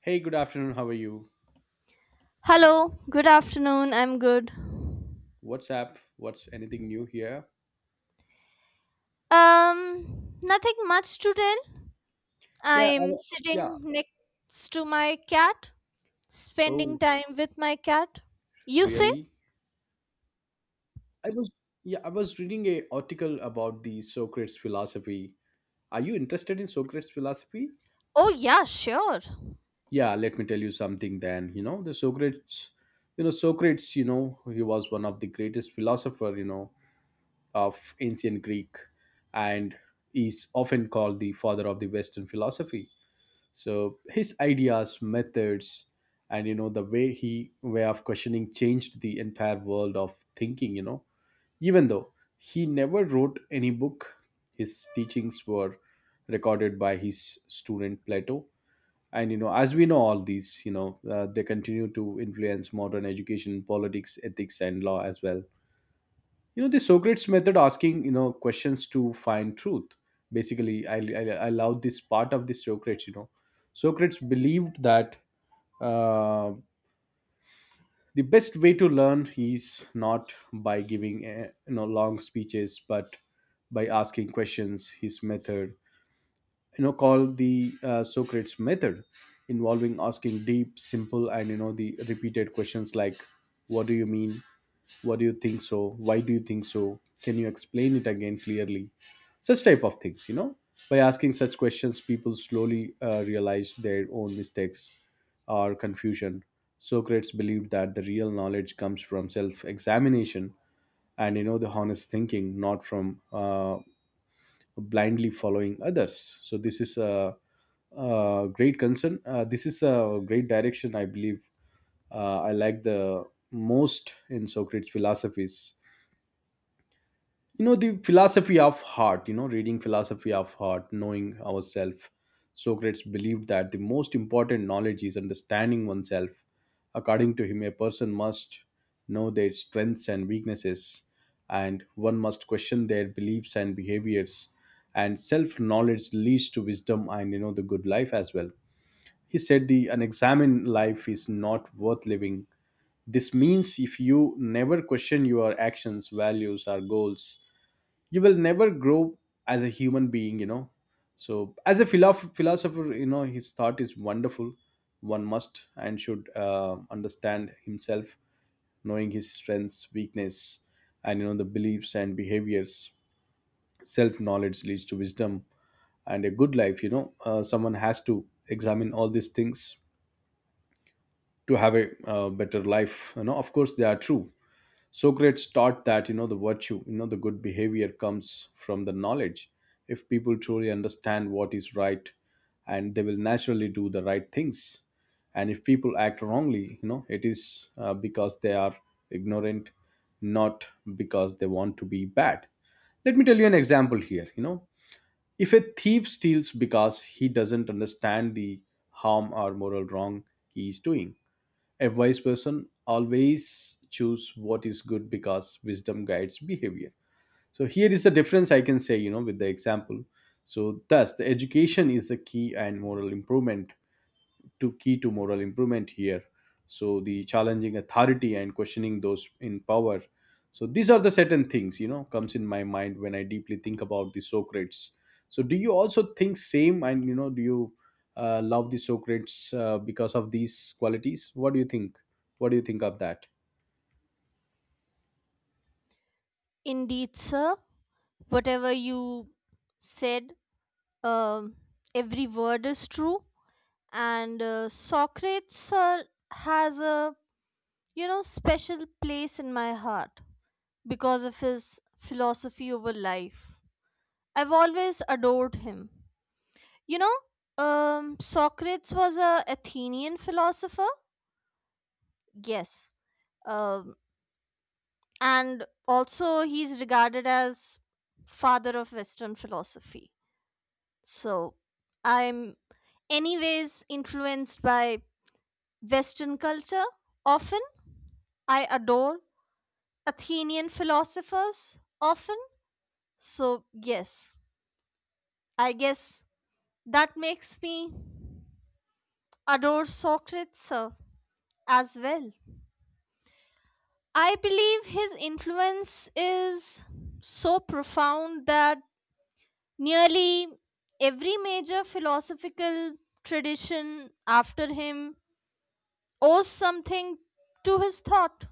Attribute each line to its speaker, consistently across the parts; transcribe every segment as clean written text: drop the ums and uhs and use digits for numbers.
Speaker 1: Hey, good afternoon. How are you?
Speaker 2: Hello, good afternoon. I'm good.
Speaker 1: What's up? What's anything new here?
Speaker 2: Nothing much to tell.
Speaker 1: Yeah,
Speaker 2: I'm
Speaker 1: yeah.
Speaker 2: sitting next to my cat, spending
Speaker 1: Oh,
Speaker 2: time with my cat. You say?
Speaker 1: really? I was yeah, I was reading a article about the Socrates philosophy. Are you interested in Socrates philosophy?
Speaker 2: Oh, yeah, sure.
Speaker 1: Yeah, let me tell you something then. You know, the Socrates, you know, Socrates, he was one of the greatest philosopher, of ancient Greek, and is often called the father of the Western philosophy. So his ideas, methods, and the way he way of questioning changed the entire world of thinking. Even though he never wrote any book, his teachings were recorded by his student Plato. And as we know all these, they continue to influence modern education, politics, ethics, and law as well. The Socrates method, asking questions to find truth. Basically, I love this part of the Socrates. Socrates believed that uh, the best way to learn is not by giving long speeches, but by asking questions. His method, called the Socrates method, involving asking deep, simple, and the repeated questions like what do you mean, what do you think so, why do you think so, can you explain it again clearly, such type of things you know by asking such questions people slowly realized their own mistakes or confusion. Socrates believed that the real knowledge comes from self-examination and the honest thinking, not from blindly following others. So this is a great concern, this is a great direction, I believe. I like the most in Socrates philosophies, the philosophy of heart, reading philosophy of heart, knowing ourselves. Socrates believed that the most important knowledge is understanding oneself. According to him, a person must know their strengths and weaknesses, and one must question their beliefs and behaviors, and self knowledge leads to wisdom and the good life as well. He said the unexamined life is not worth living. This means if you never question your actions, values, or goals, you will never grow as a human being. So as a philosopher, his thought is wonderful. One must and should understand himself, knowing his strengths, weakness, and the beliefs and behaviors. Self knowledge leads to wisdom and a good life. Someone has to examine all these things to have a better life. Of course they are true. Socrates taught that the virtue, the good behavior, comes from the knowledge. If people truly understand what is right, and they will naturally do the right things. And if people act wrongly, it is because they are ignorant, not because they want to be bad. Let me tell you an example here. You know, if a thief steals because he doesn't understand the harm or moral wrong he is doing, a wise person always choose what is good because wisdom guides behavior. So here is the difference I can say, with the example. So thus the education is the key and moral improvement to key to moral improvement here. So the challenging authority and questioning those in power, so these are the certain things, comes in my mind when I deeply think about the Socrates. So do you also think same, and do you love the Socrates because of these qualities? What do you think? What do you think of that?
Speaker 2: Indeed, sir. Whatever you said, um, every word is true. And Socrates, sir, has a, you know, special place in my heart because of his philosophy over life. I've always adored him. You know, Socrates was a Athenian philosopher. Yes, um, and also he's regarded as father of Western philosophy. So I'm, anyways, influenced by Western culture. Often, I adore Athenian philosophers. Often, so yes, I guess that makes me adore Socrates as well. I believe his influence is so profound that nearly every major philosophical tradition after him owes something to his thought.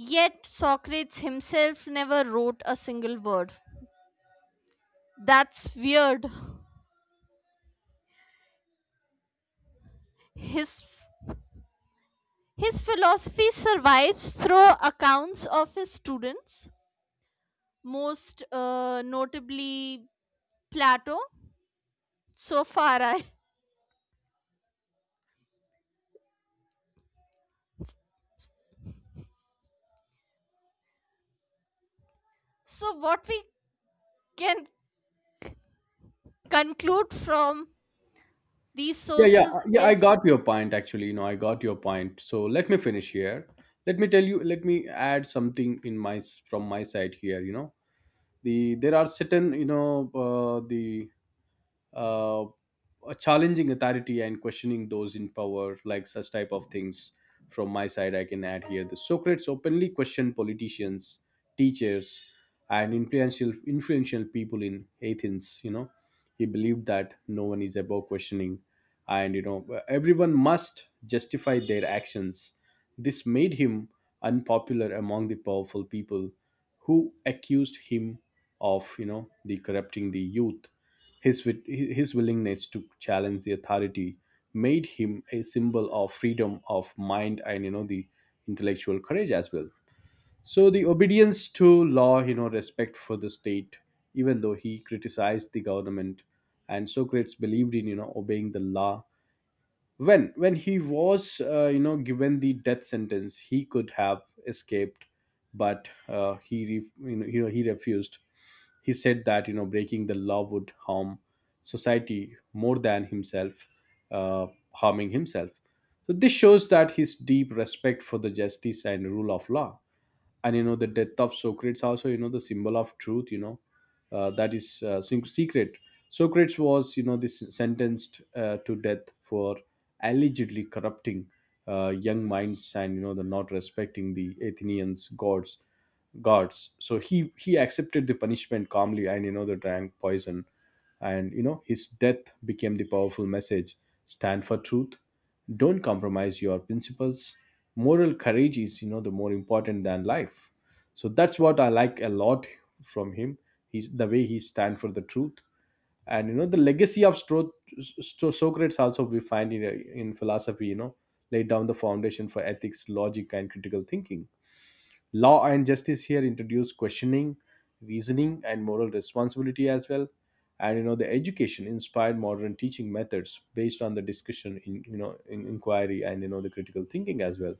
Speaker 2: Yet Socrates himself never wrote a single word. That's weird. His his philosophy survives through accounts of his students, most notably Plato. So far, I. So what we can conclude from these sources
Speaker 1: Yeah, I got
Speaker 2: is
Speaker 1: your point, actually. I got your point. So let me finish here. Let me tell you, let me add something in my from my side here. There are certain, you know the challenging authority and questioning those in power, like such type of things. From my side, I can add here the Socrates openly questioned politicians, teachers, and influential people in Athens. He believed that no one is above questioning, and everyone must justify their actions. This made him unpopular among the powerful people, who accused him of the corrupting the youth. His willingness to challenge the authority made him a symbol of freedom of mind and the intellectual courage as well. So the obedience to law, respect for the state, even though he criticized the government, and Socrates believed in obeying the law. When he was, given the death sentence, he could have escaped, but he refused. He said that breaking the law would harm society more than himself uh, harming himself. So this shows that his deep respect for the justice and rule of law. And the death of Socrates also, the symbol of truth, that is secret. Socrates was, this sentenced to death for allegedly corrupting young minds, and the not respecting the Athenians gods. So he accepted the punishment calmly, and the drank poison. And his death became the powerful message. Stand for truth, don't compromise your principles, moral courage is the more important than life. So that's what I like a lot from him, he's the way he stand for the truth. And the legacy of Socrates, also we find in philosophy, laid down the foundation for ethics, logic, and critical thinking. Law and justice here introduce questioning, reasoning, and moral responsibility as well. And the education inspired modern teaching methods based on the discussion in in inquiry and the critical thinking as well.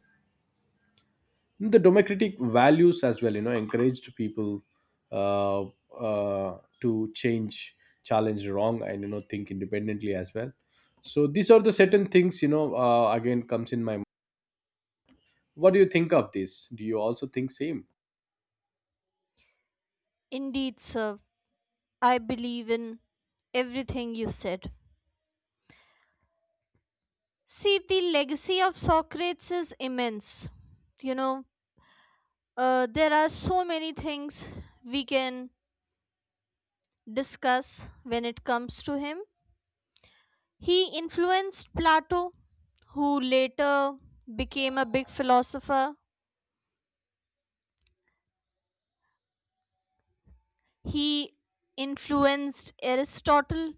Speaker 1: The democratic values as well, encouraged people uh, to change, challenge wrong, and think independently as well. So these are the certain things. Again, comes in my mind. What do you think of this? Do you also think same?
Speaker 2: indeed, sir. I believe in everything you said. See, the legacy of Socrates is immense. You know, there are so many things we can discuss when it comes to him. He influenced Plato, who later became a big philosopher. He influenced Aristotle,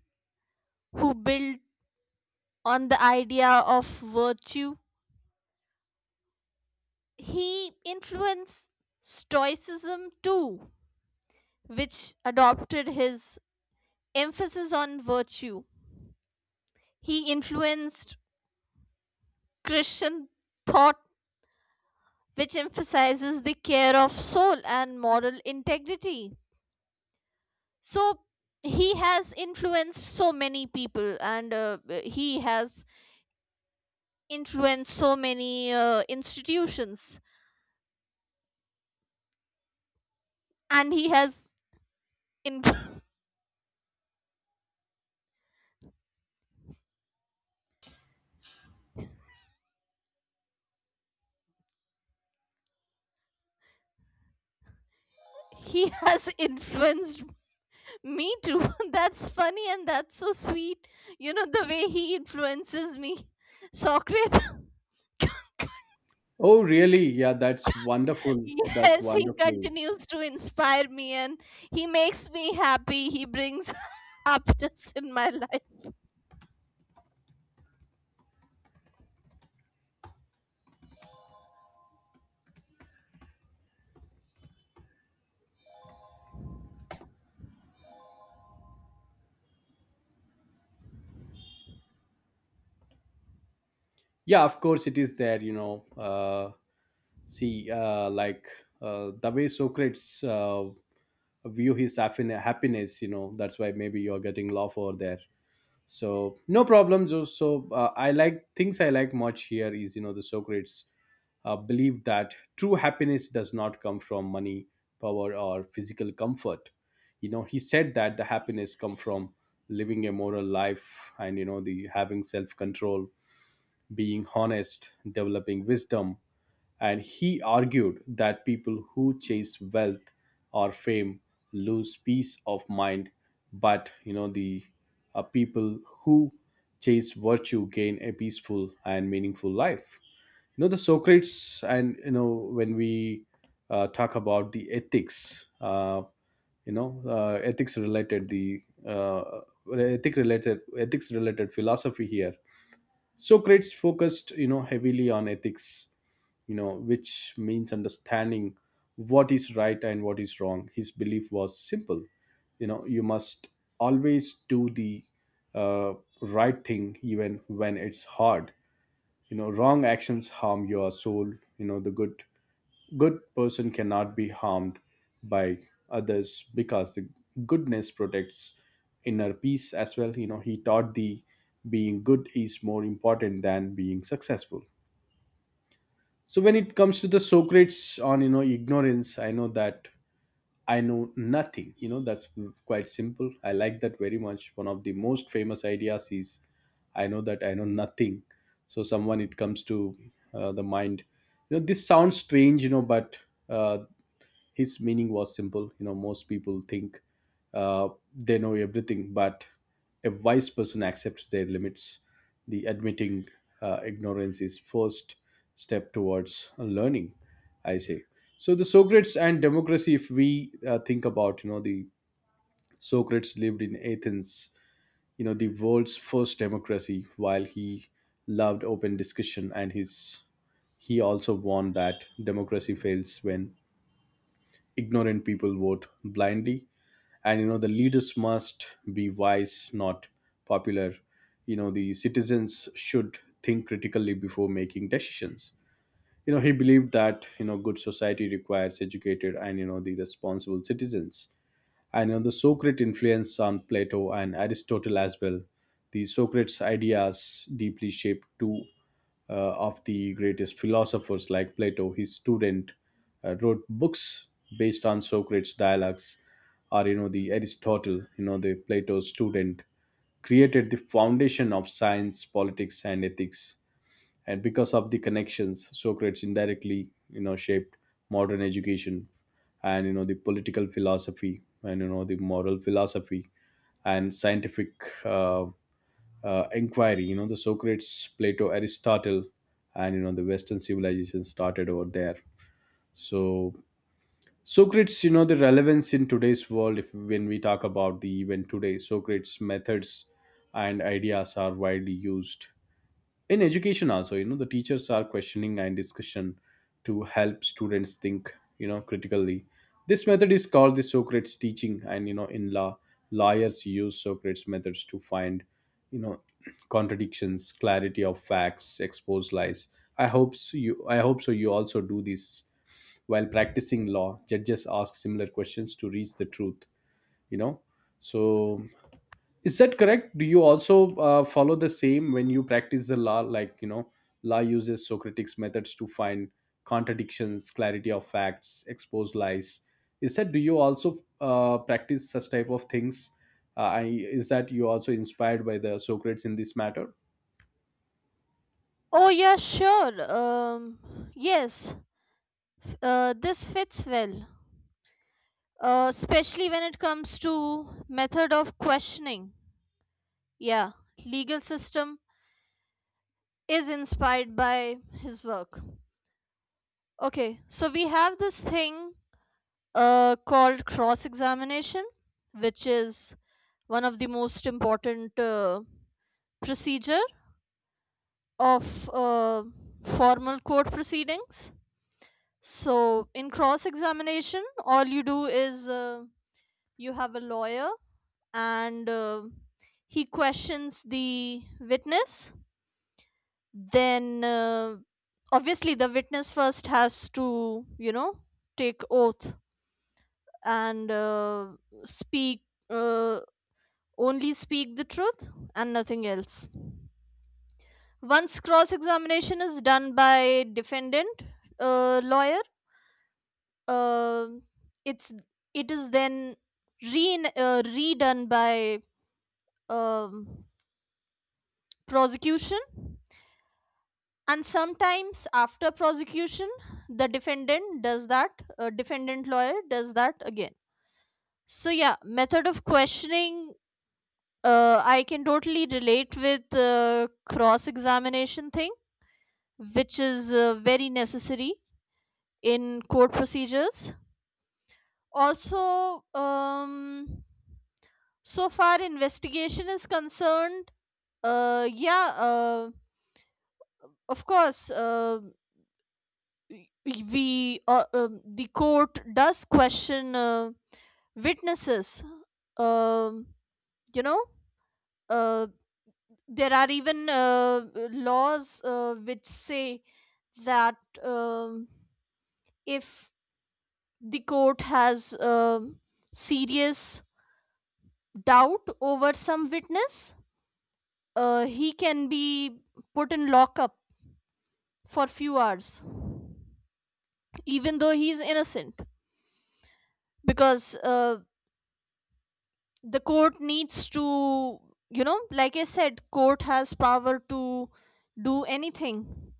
Speaker 2: who built on the idea of virtue. He influenced Stoicism too, which adopted his emphasis on virtue. He influenced Christian thought, which emphasizes the care of soul and moral integrity. So he has influenced so many people and he has influenced so many institutions and he has in- he has influenced Me too. That's funny and that's so sweet. You know, the way he influences me. Socrates,
Speaker 1: Oh, really? Yeah, that's wonderful. That's
Speaker 2: yes, he
Speaker 1: wonderful.
Speaker 2: continues to inspire me and he makes me happy. He brings happiness in my life.
Speaker 1: Yeah, of course it is there. See, like the way Socrates view his happiness, that's why maybe you're getting love over there. So no problem, Joe. So I like things I like much here is the Socrates believed that true happiness does not come from money, power, or physical comfort. You know, he said that the happiness come from living a moral life and the having self-control, being honest, developing wisdom. And he argued that people who chase wealth or fame lose peace of mind, but you know the people who chase virtue gain a peaceful and meaningful life. You know the socrates and you know When we talk about the ethics, ethics related the uh, ethics related philosophy here. Socrates focused, heavily on ethics, which means understanding what is right and what is wrong. His belief was simple. You must always do the uh, right thing even when it's hard. Wrong actions harm your soul. You know the Good person cannot be harmed by others because the goodness protects inner peace as well. He taught the being good is more important than being successful. So when it comes to the Socrates on ignorance, I know that I know nothing. That's quite simple. I like that very much. One of the most famous ideas is I know that I know nothing. So someone, it comes to the mind. You know, this sounds strange, but uh, his meaning was simple. You know, most people think uh, they know everything, but a wise person accepts their limits. The admitting ignorance is first step towards learning. I say. So the Socrates and democracy. If we think about, the Socrates lived in Athens, the world's first democracy, while he loved open discussion, and his he also warned that democracy fails when ignorant people vote blindly, and the leaders must be wise, not popular. The citizens should think critically before making decisions. He believed that good society requires educated and the responsible citizens. And the Socratic influence on Plato and Aristotle as well. The Socrates' ideas deeply shaped two of the greatest philosophers like Plato. His student wrote books based on Socrates' dialogues, or you know the Aristotle, you know the Plato's student, created the foundation of science, politics, and ethics. And because of the connections, Socrates indirectly shaped modern education and you know the political philosophy and you know the moral philosophy and scientific uh, uh, inquiry. You know the Socrates, Plato, Aristotle, and you know the Western civilization started over there. So Socrates, you know the relevance in today's world, if when we talk about the event today, Socrates methods and ideas are widely used in education also. The teachers are questioning and discussion to help students think critically. This method is called the Socrates teaching. And in law, lawyers use Socrates methods to find, you know contradictions, clarity of facts, expose lies. I hope so you, I hope so you also do this while practicing law. Judges ask similar questions to reach the truth, you know so is that correct? Do you also follow the same when you practice the law? Like, law uses Socratic's methods to find contradictions, clarity of facts, expose lies. Is that, do you also practice such type of things? I, is that you also inspired by the Socrates in this matter?
Speaker 2: Oh, yeah, sure. Yes, this fits well, especially when it comes to method of questioning. Yeah, legal system is inspired by his work. Okay, so we have this thing called cross examination, which is one of the most important procedure of formal court proceedings. So in cross examination, all you do is you have a lawyer and he questions the witness. Then obviously the witness first has to, you know, take oath and speak. Only speak the truth and nothing else. Once cross examination is done by defendant lawyer, uh, it's it is then redone by um, prosecution, and sometimes after prosecution the defendant does that, defendant lawyer does that again. So yeah, method of questioning, I can totally relate with cross examination thing, which is very necessary in court procedures. Also, so far investigation is concerned, yeah, of course, y- we the court does question witnesses. Um, you know, uh, there are even laws which say that um, if the court has serious doubt over some witness, he can be put in lockup for few hours, even though he's innocent, because the court needs to, you know, like I said, court has power to do anything,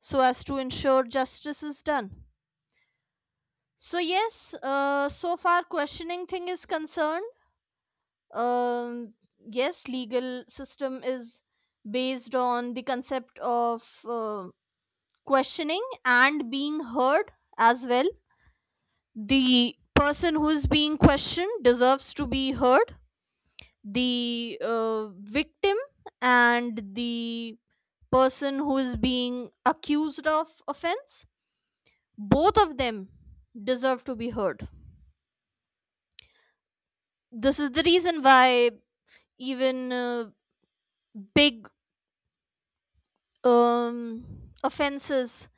Speaker 2: so as to ensure justice is done. So yes, so far questioning thing is concerned, um yes, legal system is based on the concept of questioning and being heard as well. The person who is being questioned deserves to be heard. The victim and the person who is being accused of offense, both of them deserve to be heard. This is the reason why even big um, offenses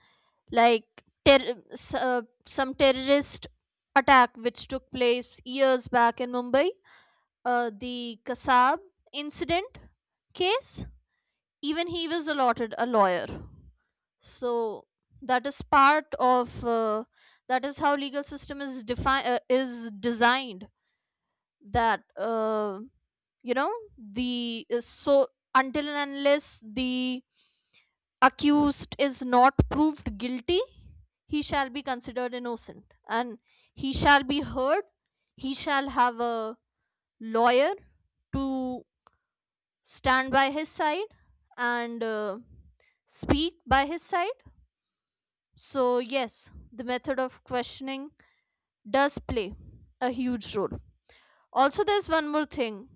Speaker 2: like some terrorist attack which took place years back in Mumbai, the Kasab incident case. Even he was allotted a lawyer. So that is part of that is how legal system is is designed, that you know, the so until and unless the accused is not proved guilty, he shall be considered innocent and he shall be heard. He shall have a lawyer to stand by his side and speak by his side. So yes, the method of questioning does play a huge role. Also, there's one more thing.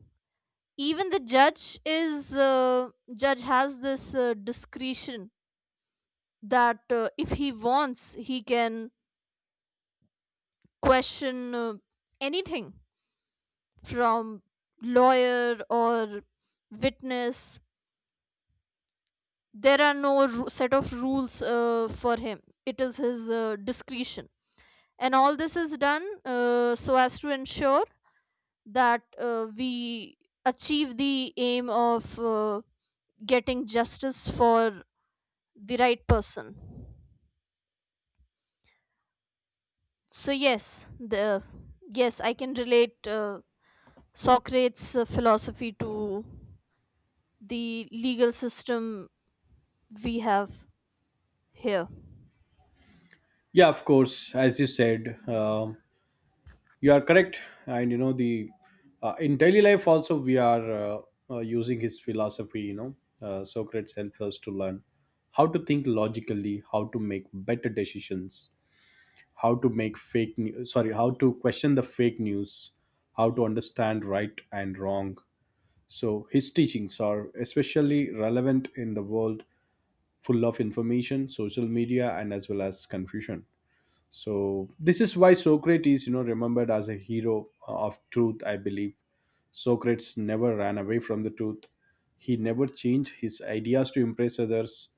Speaker 2: Even the judge is judge has this discretion that if he wants, he can question anything from lawyer or witness. There are no set of rules for him. It is his discretion, and all this is done so as to ensure that we achieve the aim of getting justice for the right person. So yes, the yes, I can relate Socrates' philosophy to the legal system we have here.
Speaker 1: Yeah, of course. As you said, you are correct, and you know the in daily life also we are using his philosophy. Socrates helps us to learn how to think logically, how to make better decisions, how to make fake news. Sorry, how to question the fake news, how to understand right and wrong. So his teachings are especially relevant in the world full of information, social media, and as well as confusion. So this is why Socrates, remembered as a hero of truth, I believe. Socrates never ran away from the truth. He never changed his ideas to impress others.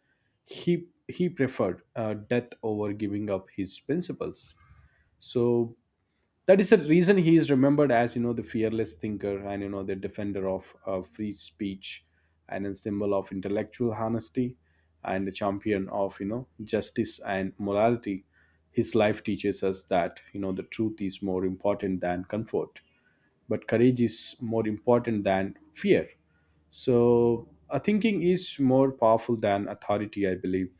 Speaker 1: He preferred death over giving up his principles. So that is the reason he is remembered as you know the fearless thinker and you know the defender of free speech, and a symbol of intellectual honesty, and the champion of justice and morality. His life teaches us that, the truth is more important than comfort, but courage is more important than fear. So a thinking is more powerful than authority, I believe.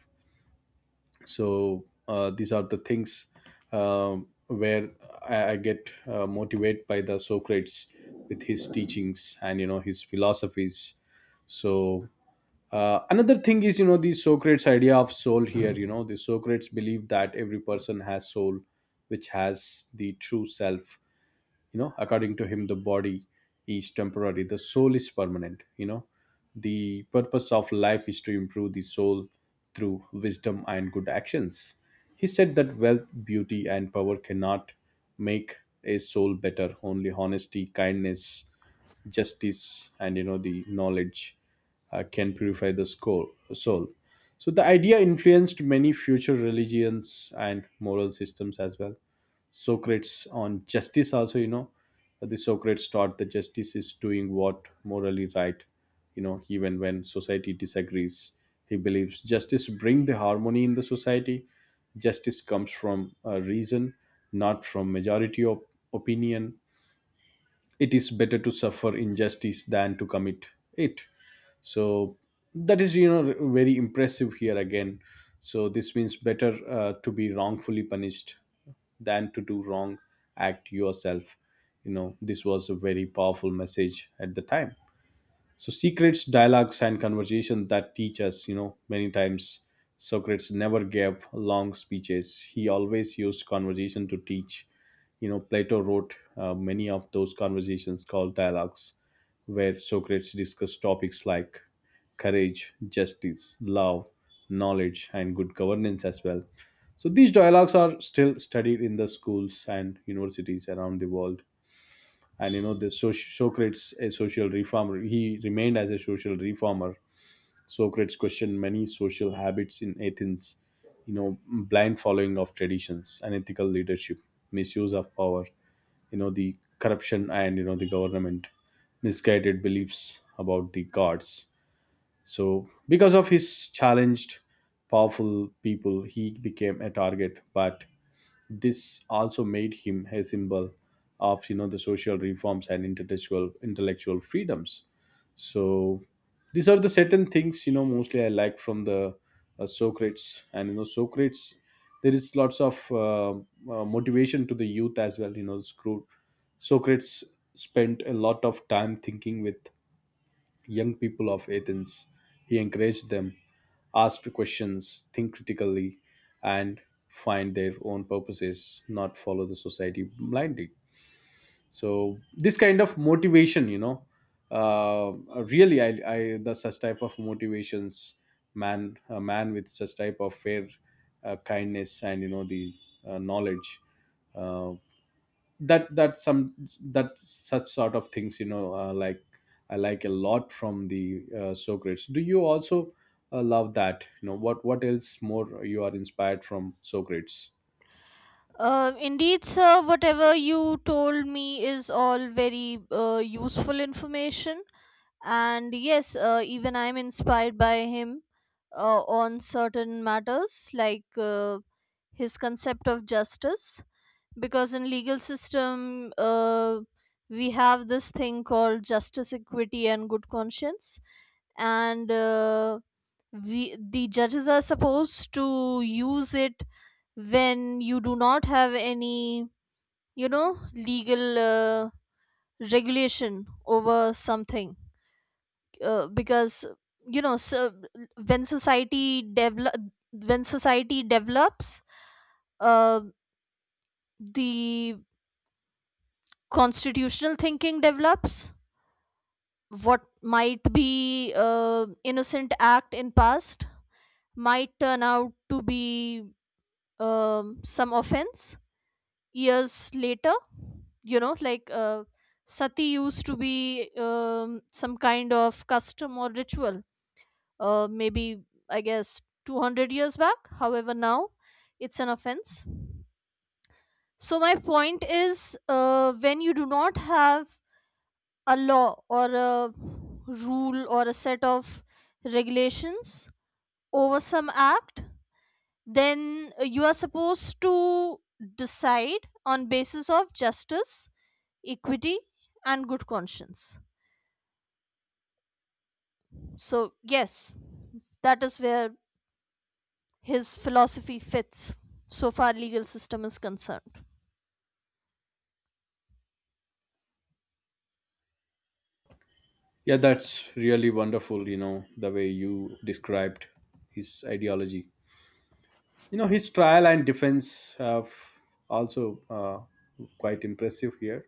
Speaker 1: So these are the things where I get motivated by the Socrates with his teachings and his philosophies. So another thing is, you know the Socrates idea of soul here. You know the Socrates believed that every person has soul, which has the true self. According to him, the body is temporary, the soul is permanent. The purpose of life is to improve the soul through wisdom and good actions. He said that wealth, beauty, and power cannot make a soul better. Only honesty, kindness, justice, and you know the knowledge can purify the soul. So the idea influenced many future religions and moral systems as well. Socrates on justice also, the Socrates taught that justice is doing what morally right, even when society disagrees. He believes justice bring the harmony in the society. Justice comes from reason, not from majority of opinion. It is better to suffer injustice than to commit it. So that is, very impressive here again. So this means better to be wrongfully punished than to do wrong act yourself. This was a very powerful message at the time. So secrets dialogues and conversation that teach us, many times Socrates never gave long speeches. He always used conversation to teach. Plato wrote many of those conversations called dialogues, where Socrates discussed topics like courage, justice, love, knowledge, and good governance as well. So these dialogues are still studied in the schools and universities around the world. And Socrates a social reformer, he remained as a social reformer. Socrates questioned many social habits in Athens, you know blind following of traditions, unethical leadership, misuse of power, you know the corruption, and you know the government, misguided beliefs about the gods. So because of his challenged powerful people, he became a target, but this also made him a symbol of you know the social reforms and intellectual freedoms. So these are the certain things, mostly I like from the Socrates. And Socrates, there is lots of motivation to the youth as well. You know, screw Socrates spent a lot of time thinking with young people of Athens. He encouraged them, asked questions, think critically, and find their own purposes, not follow the society blindly. So this kind of motivation, uh, really, I the such type of motivations, man, a man with such type of fair kindness and you know the knowledge, uh, that that some that such sort of things, like I like a lot from the Socrates. Do you also love that? What else more you are inspired from Socrates?
Speaker 2: Indeed, sir, whatever you told me is all very useful information, and yes, even I am inspired by him on certain matters like his concept of justice, because in legal system we have this thing called justice, equity and good conscience, and we the judges are supposed to use it when you do not have any, you know, legal regulation over something, because you know. So when society develop when society develops, uh, the constitutional thinking develops, what might be innocent act in past might turn out to be some offense years later. You know, like sati used to be some kind of custom or ritual, maybe I guess 200 years back, however now it's an offense. So my point is, when you do not have a law or a rule or a set of regulations over some act, then you are supposed to decide on basis of justice, equity and good conscience. So yes, that is where his philosophy fits so far legal system is concerned.
Speaker 1: Yeah, that's really wonderful, the way you described his ideology. His trial and defense have also quite impressive here.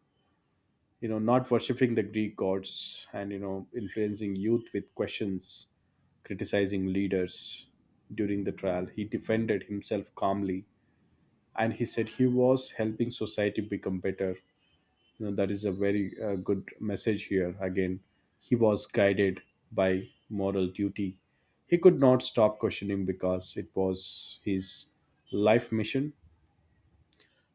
Speaker 1: Not worshiping the Greek gods, and influencing youth with questions, criticizing leaders. During the trial, he defended himself calmly, and he said he was helping society become better. That is a very good message here again. He was guided by moral duty. He could not stop questioning because it was his life mission.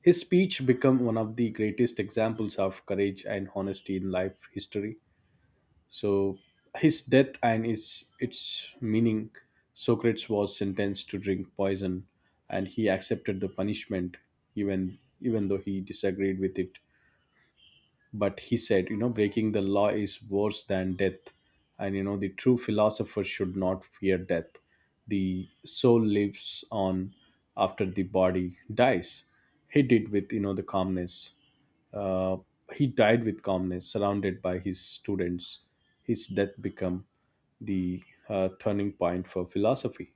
Speaker 1: His speech became one of the greatest examples of courage and honesty in life history. So his death and its meaning, Socrates was sentenced to drink poison, and he accepted the punishment, even though he disagreed with it. But he said, breaking the law is worse than death, and you know the true philosopher should not fear death. The soul lives on after the body dies. He did with, the calmness uh, he died with calmness, surrounded by his students. His death become the turning point for philosophy.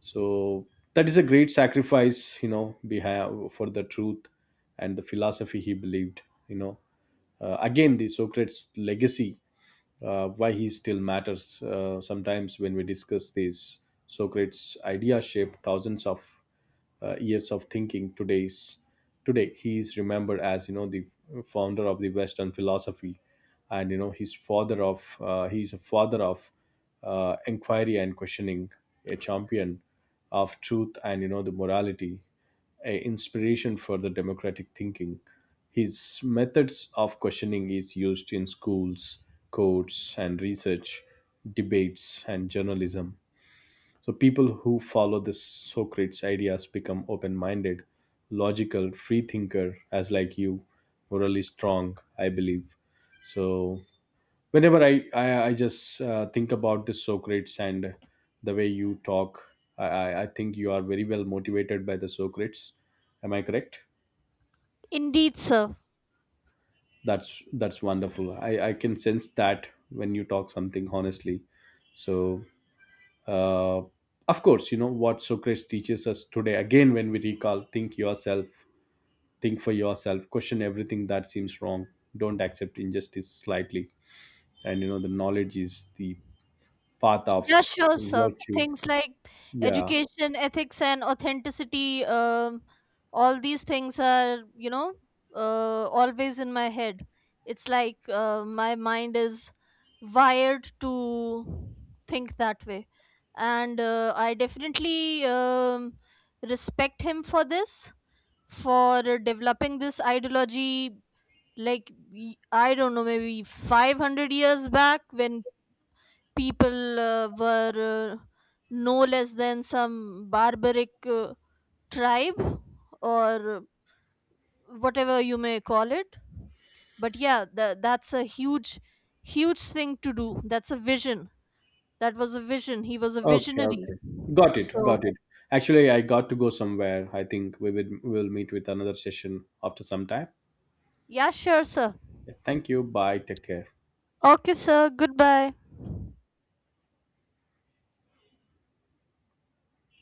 Speaker 1: So that is a great sacrifice, behind for the truth and the philosophy he believed, you know again. The Socrates legacy, why he still matters. Sometimes when we discuss these, Socrates' idea shaped thousands of years of thinking. Today, he is remembered as you know the founder of the Western philosophy, and you know his father of he is a father of inquiry and questioning, a champion of truth and you know the morality, a inspiration for the democratic thinking. His methods of questioning is used in schools, courts and research, debates and journalism. So people who follow the Socrates ideas become open-minded, logical, free thinker as like you, morally strong, I believe. So whenever I just think about the Socrates and the way you talk, I think you are very well motivated by the Socrates. Am I correct?
Speaker 2: Indeed, sir.
Speaker 1: That's wonderful. I can sense that when you talk something honestly. So, uh, of course, what Socrates teaches us today. Again, when we recall, think yourself, think for yourself, question everything that seems wrong. Don't accept injustice slightly, and you know the knowledge is the path of
Speaker 2: Yeah, sure, sir.
Speaker 1: virtue.
Speaker 2: Things like
Speaker 1: Yeah.
Speaker 2: education, ethics, and authenticity, all these things are, you know, always in my head. It's like my mind is wired to think that way. And I definitely respect him for this, for developing this ideology. Like, I don't know, maybe 500 years back when people were no less than some barbaric tribe or whatever you may call it. But yeah, that's a huge huge thing to do. That's a vision. That was a vision. He was a
Speaker 1: Okay.
Speaker 2: visionary.
Speaker 1: Okay. Got it.
Speaker 2: So
Speaker 1: Got it. Actually, I got to go somewhere. I think we will meet with another session after some time.
Speaker 2: yeah, sure, sir.
Speaker 1: Yeah, thank you. Bye. Take care.
Speaker 2: Okay, sir, goodbye.